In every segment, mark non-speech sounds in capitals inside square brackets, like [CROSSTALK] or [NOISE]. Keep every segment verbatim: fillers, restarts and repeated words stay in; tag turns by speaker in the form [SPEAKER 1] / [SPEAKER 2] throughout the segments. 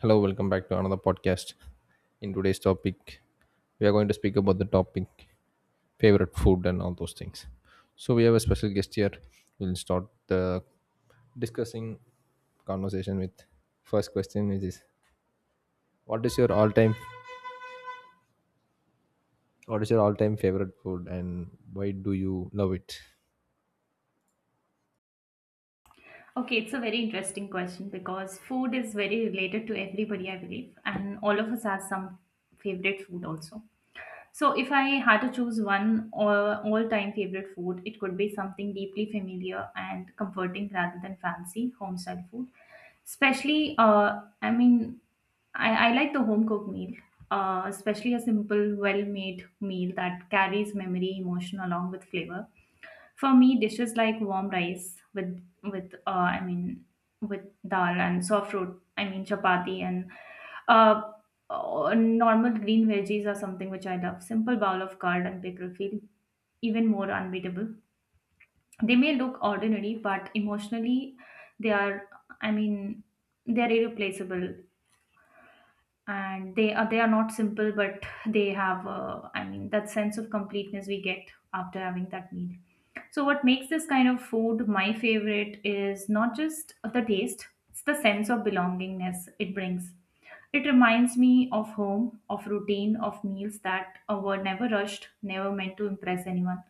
[SPEAKER 1] Hello, welcome back to another podcast. In today's topic, we are going to speak about the topic favorite food and all those things. So we have a special guest here. We'll start the discussing conversation with first question which is what is your all time what is your all time favorite food and why do you love it?
[SPEAKER 2] Okay, it's a very interesting question because food is very related to everybody, I believe, and all of us have some favorite food also. So, if I had to choose one all time favorite food, it could be something deeply familiar and comforting rather than fancy home style food. Especially, uh, I mean, I, I like the home cooked meal, uh, especially a simple, well made meal that carries memory, emotion along with flavor. For me, dishes like warm rice with with uh, I mean with dal and soft fruit, I mean chapati and uh, uh, normal green veggies are something which I love. Simple bowl of curd and pickle feel even more unbeatable. They may look ordinary, but emotionally, they are. I mean, they are irreplaceable and they are they are not simple but they have uh, i mean that sense of completeness we get after having that meal. So what makes this kind of food my favorite is not just the taste, it's the sense of belongingness it brings. It reminds me of home, of routine, of meals that uh, were never rushed, never meant to impress anyone.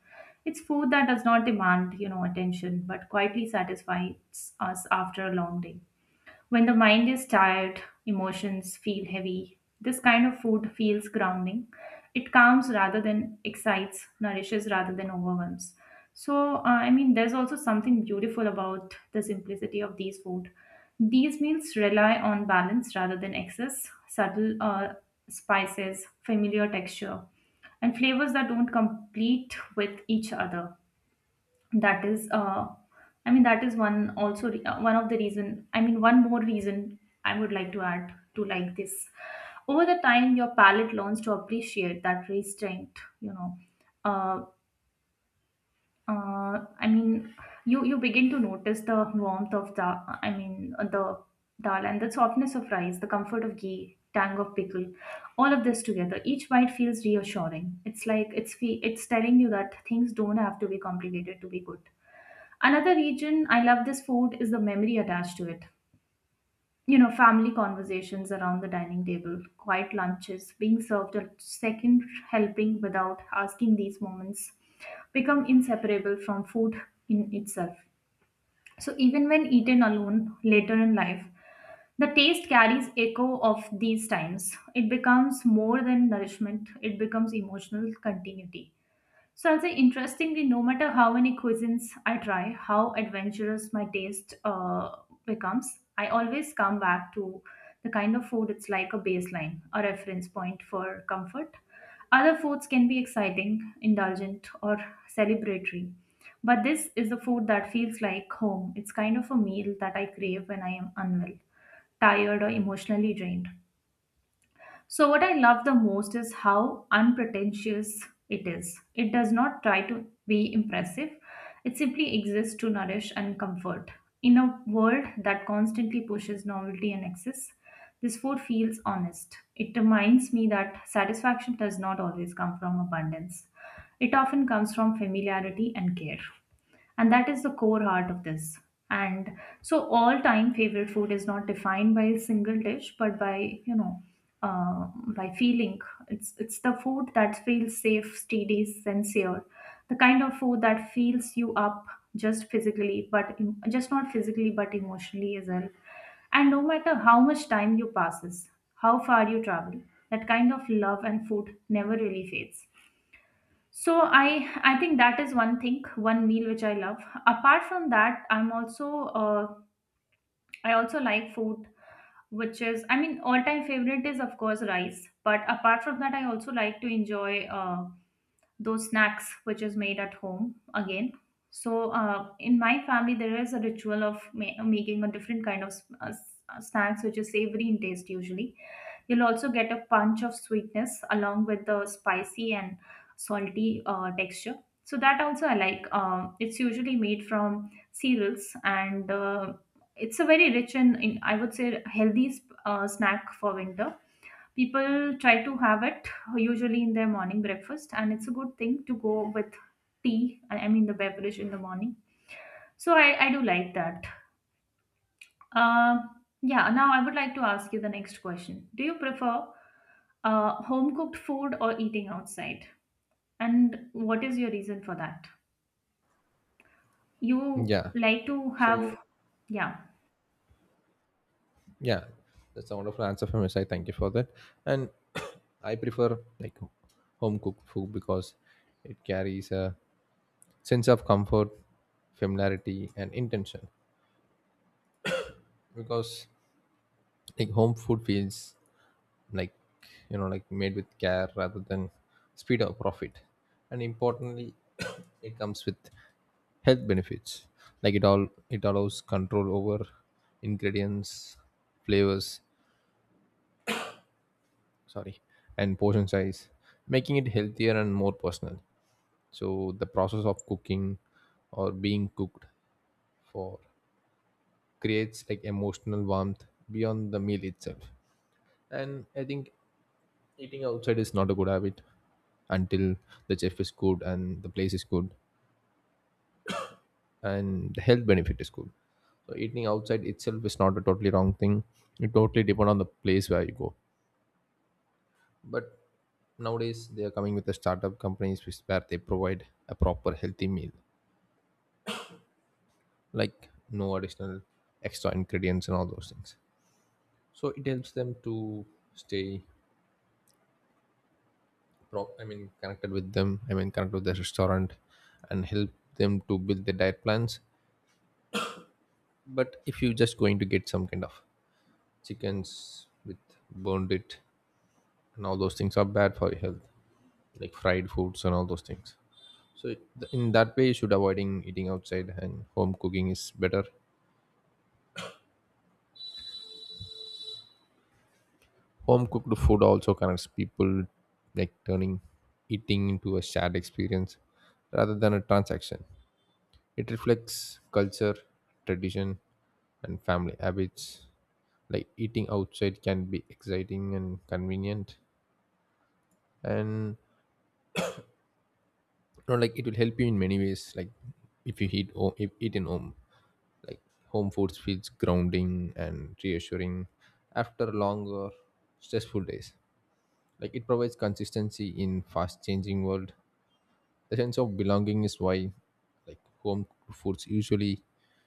[SPEAKER 2] It's food that does not demand you know attention but quietly satisfies us after a long day. When the mind is tired, emotions feel heavy. This kind of food feels grounding. It calms rather than excites, nourishes rather than overwhelms. So, uh, I mean, there's also something beautiful about the simplicity of these food. These meals rely on balance rather than excess, subtle uh, spices, familiar texture, and flavors that don't complete with each other. That is uh, i mean that is one also re- uh, one of the reason, i mean one more reason I would like to add to like this. Over the time your palate learns to appreciate that restraint, you know uh, uh, i mean you you begin to notice the warmth of the, i mean uh, the dal and the softness of rice, the comfort of ghee, tang of pickle. All of this together, each bite feels reassuring. It's like it's fe- it's telling you that things don't have to be complicated to be good. Another region I love this food is the memory attached to it. You know, family conversations around the dining table, quiet lunches, being served a second helping without asking, these moments become inseparable from food in itself. So, even when eaten alone later in life, the taste carries echo of these times. It becomes more than nourishment, it becomes emotional continuity. So I'll say interestingly, no matter how many cuisines I try, how adventurous my taste uh, becomes, I always come back to the kind of food. It's like a baseline, a reference point for comfort. Other foods can be exciting, indulgent, or celebratory. But this is the food that feels like home. It's kind of a meal that I crave when I am unwell, tired, or emotionally drained. So, what I love the most is how unpretentious it is. It does not try to be impressive, it simply exists to nourish and comfort. In a world that constantly pushes novelty and excess, this food feels honest. It reminds me that satisfaction does not always come from abundance, it often comes from familiarity and care, and that is the core heart of this. And so all time favorite food is not defined by a single dish but by, you know uh, by feeling. It's it's the food that feels safe, steady, sincere, the kind of food that feels you up just physically, but em- just not physically but emotionally as well. And no matter how much time you passes, how far you travel, that kind of love and food never really fades. So I I think that is one thing, one meal which I love. Apart from that, I'm also uh, I also like food, which is, I mean, all time favorite is of course rice. But apart from that, I also like to enjoy. Uh, those snacks which is made at home again. So uh, in my family, there is a ritual of ma- making a different kind of s- uh, s- uh, snacks which is savory in taste usually. You'll also get a punch of sweetness along with the spicy and salty uh, texture. So that also I like. Uh, it's usually made from cereals and uh, it's a very rich and, in, I would say healthy sp- uh, snack for winter. People try to have it usually in their morning breakfast, and it's a good thing to go with tea, I I mean the beverage in the morning. So I, I do like that. Uh, yeah, now I would like to ask you the next question. Do you prefer uh, home cooked food or eating outside? And what is your reason for that? You
[SPEAKER 1] Yeah.
[SPEAKER 2] like to have,
[SPEAKER 1] So
[SPEAKER 2] yeah.
[SPEAKER 1] yeah, that's a wonderful answer from your side. Thank you for that. And [COUGHS] [CLEARS THROAT] I prefer, like, home cooked food because it carries a sense of comfort, familiarity, and intention. Because, like, home food feels like, you know, like made with care rather than speed or profit. And importantly, [COUGHS] [CLEARS THROAT] it comes with health benefits. Like it all it allows control over ingredients, flavors, sorry, and portion size, making it healthier and more personal. So the process of cooking or being cooked for creates like emotional warmth beyond the meal itself. And I think eating outside is not a good habit until the chef is good and the place is good and the health benefit is good. So eating outside itself is not a totally wrong thing, it totally depend on the place where you go. But nowadays they are coming with the startup companies which where they provide a proper healthy meal, like no additional extra ingredients and all those things. So it helps them to stay pro- I mean connected with them, I mean connected with the restaurant and help them to build their diet plans. But if you're just going to get some kind of chickens with burned it and all those things are bad for your health. Like fried foods and all those things. So th- in that way, you should avoiding eating outside, and home cooking is better. Home cooked food also connects people, like turning eating into a shared experience rather than a transaction. It reflects culture, tradition, and family habits. Like eating outside can be exciting and convenient, and, you know, like it will help you in many ways. Like if you eat, o- if eat in home, like home foods feels grounding and reassuring after long or stressful days. Like it provides consistency in fast changing world. The sense of belonging is why, like, home cooked foods usually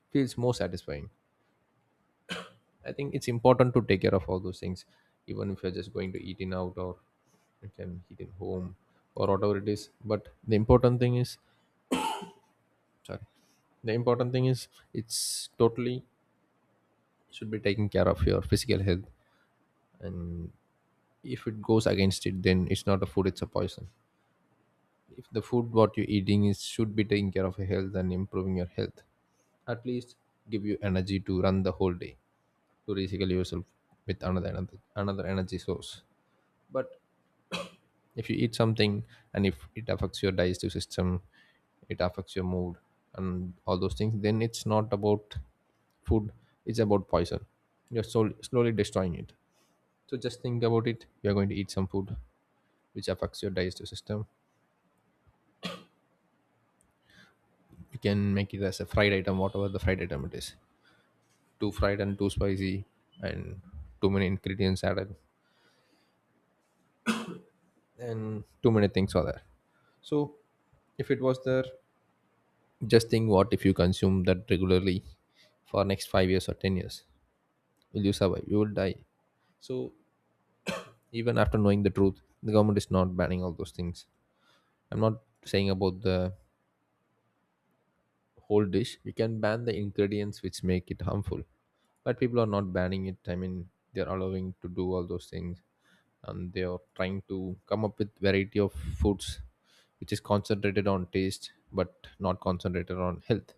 [SPEAKER 1] feels more satisfying. I think it's important to take care of all those things, even if you're just going to eat in out or you can eat in home or whatever it is. But the important thing is, sorry, the important thing is, it's totally should be taking care of your physical health. And if it goes against it, then it's not a food, it's a poison. If the food what you're eating is should be taking care of your health and improving your health, at least give you energy to run the whole day, to recycle yourself with another another, another energy source. But if you eat something and if it affects your digestive system, it affects your mood and all those things, then it's not about food, it's about poison. You're sol- slowly destroying it. So just think about it, you're going to eat some food which affects your digestive system. You can make it as a fried item, whatever the fried item it is, too fried and too spicy and too many ingredients added and too many things are there. So if it was there, just think what if you consume that regularly for next five years or ten years, will you survive? You will die. So even after knowing the truth, the government is not banning all those things. I'm not saying about the whole dish, you can ban the ingredients which make it harmful. But people are not banning it, I mean they're allowing to do all those things. And they are trying to come up with variety of foods which is concentrated on taste but not concentrated on health.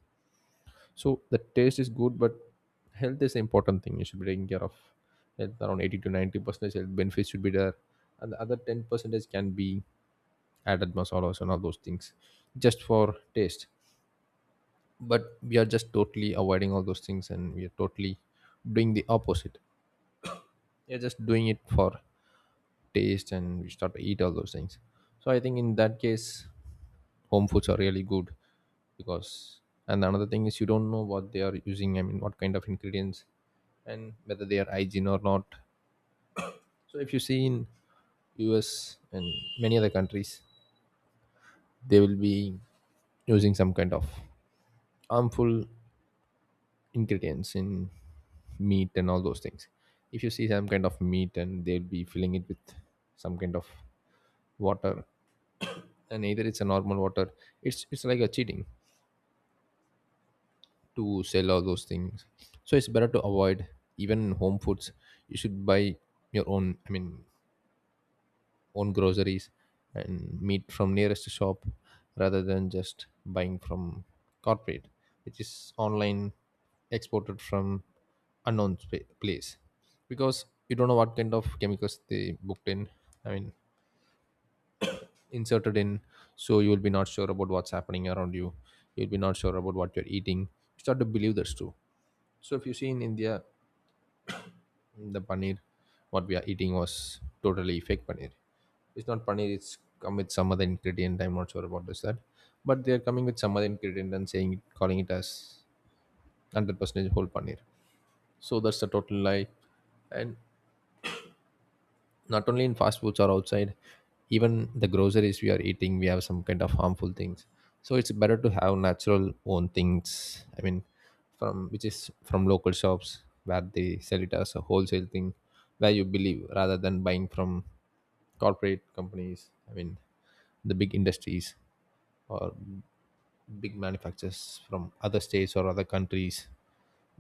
[SPEAKER 1] So the taste is good, but health is the important thing you should be taking care of. Health around eighty to ninety percent health benefits should be there, and the other ten percentage can be added masalas and all those things, just for taste. But we are just totally avoiding all those things and we are totally doing the opposite. We are just doing it for taste and we start to eat all those things. So I think in that case, home foods are really good. Because, and another thing is, you don't know what they are using, I mean what kind of ingredients, and whether they are hygiene or not. So if you see in US and many other countries, they will be using some kind of harmful ingredients in meat and all those things. If you see some kind of meat, and they'll be filling it with some kind of water, and either it's a normal water, it's it's like a cheating to sell all those things. So it's better to avoid even home foods. You should buy your own. I mean, own groceries and meat from nearest shop rather than just buying from corporate which is online, exported from unknown spa- place, because you don't know what kind of chemicals they booked in, I mean inserted in. So you will be not sure about what's happening around you, you'll be not sure about what you're eating. You start to believe that's true. So if you see in India, the paneer what we are eating was totally fake paneer. It's not paneer, it's come with some other ingredient. I'm not sure about this that, but they're coming with some other ingredient and saying, calling it as one hundred percent whole paneer. So that's the total lie. And not only in fast foods or outside, even the groceries we are eating we have some kind of harmful things. So it's better to have natural own things, I mean from which is from local shops where they sell it as a wholesale thing, where you believe, rather than buying from corporate companies, I mean the big industries or big manufacturers from other states or other countries,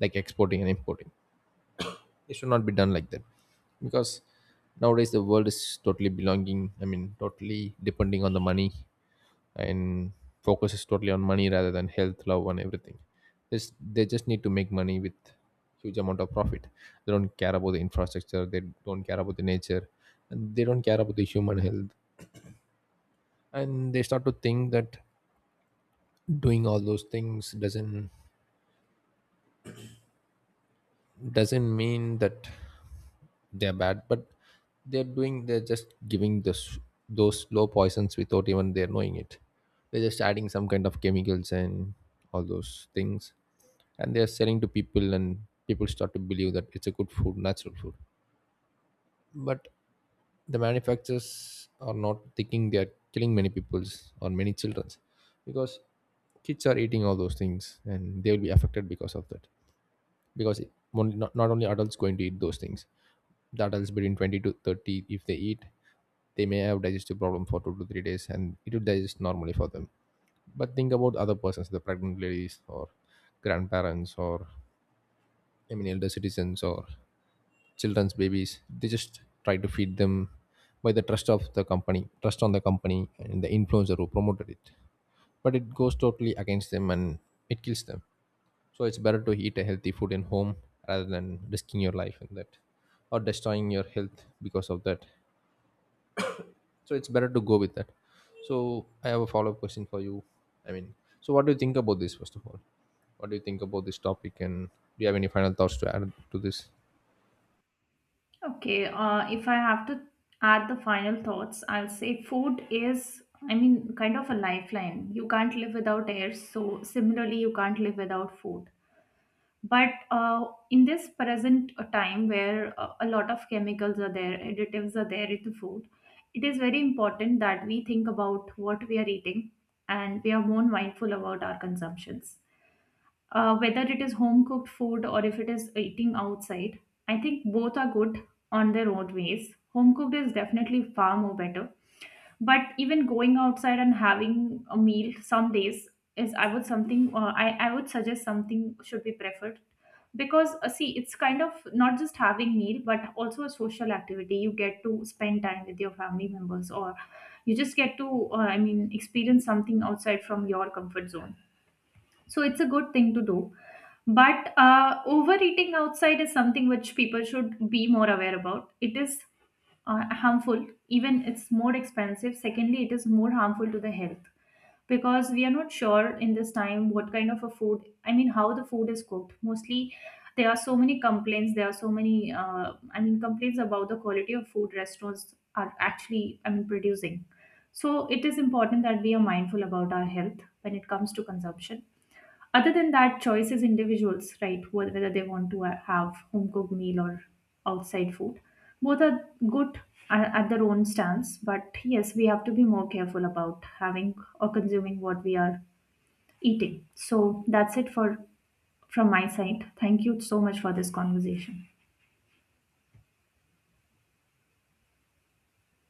[SPEAKER 1] like exporting and importing. It should not be done like that. Because nowadays the world is totally belonging, I mean totally depending on the money. And focus is totally on money rather than health, love, and everything. This, they just need to make money with huge amount of profit. They don't care about the infrastructure, they don't care about the nature, and they don't care about the human health. And they start to think that doing all those things doesn't doesn't mean that they're bad. But they're doing, they're just giving this those slow poisons without even they're knowing it. They're just adding some kind of chemicals and all those things and they're selling to people, and people start to believe that it's a good food, natural food. But the manufacturers are not thinking they're killing many people's or many children's. Because kids are eating all those things and they will be affected because of that. Because it- only, not, not only adults going to eat those things. The adults between twenty to thirty, if they eat, they may have digestive problem for two to three days and it will digest normally for them. But think about other persons, the pregnant ladies or grandparents or I mean elder citizens or children's babies, they just try to feed them by the trust of the company, trust on the company and the influencer who promoted it. But it goes totally against them and it kills them. So it's better to eat a healthy food in home rather than risking your life in that or destroying your health because of that. So it's better to go with that. So I have a follow-up question for you. I mean, so what do you think about this? First of all, what do you think about this topic, and do you have any final thoughts to add to this?
[SPEAKER 2] Okay, uh, if I have to add the final thoughts, I'll say food is, I mean, kind of a lifeline. You can't live without air, so similarly, you can't live without food. But uh, in this present uh, time where uh, a lot of chemicals are there, additives are there in the food, it is very important that we think about what we are eating and we are more mindful about our consumptions, uh, whether it is home cooked food or if it is eating outside. I think both are good on their own ways. Home cooked is definitely far more better, but even going outside and having a meal some days is, i would something uh, I, I would suggest something should be preferred, because uh, see, it's kind of not just having meal but also a social activity. You get to spend time with your family members, or you just get to uh, i mean experience something outside from your comfort zone. So it's a good thing to do. But uh, overeating outside is something which people should be more aware about. It is uh, harmful, even it's more expensive. Secondly, it is more harmful to the health because we are not sure in this time what kind of a food, I mean, how the food is cooked. Mostly, there are so many complaints, there are so many, uh, I mean, complaints about the quality of food restaurants are actually, I mean, producing. So it is important that we are mindful about our health when it comes to consumption. Other than that, choice is individuals, right? wh- Whether they want to uh, have home cooked meal or outside food. Both are good a- at their own stance, but yes, we have to be more careful about having or consuming what we are eating. So that's it for from my side. Thank you so much for this conversation.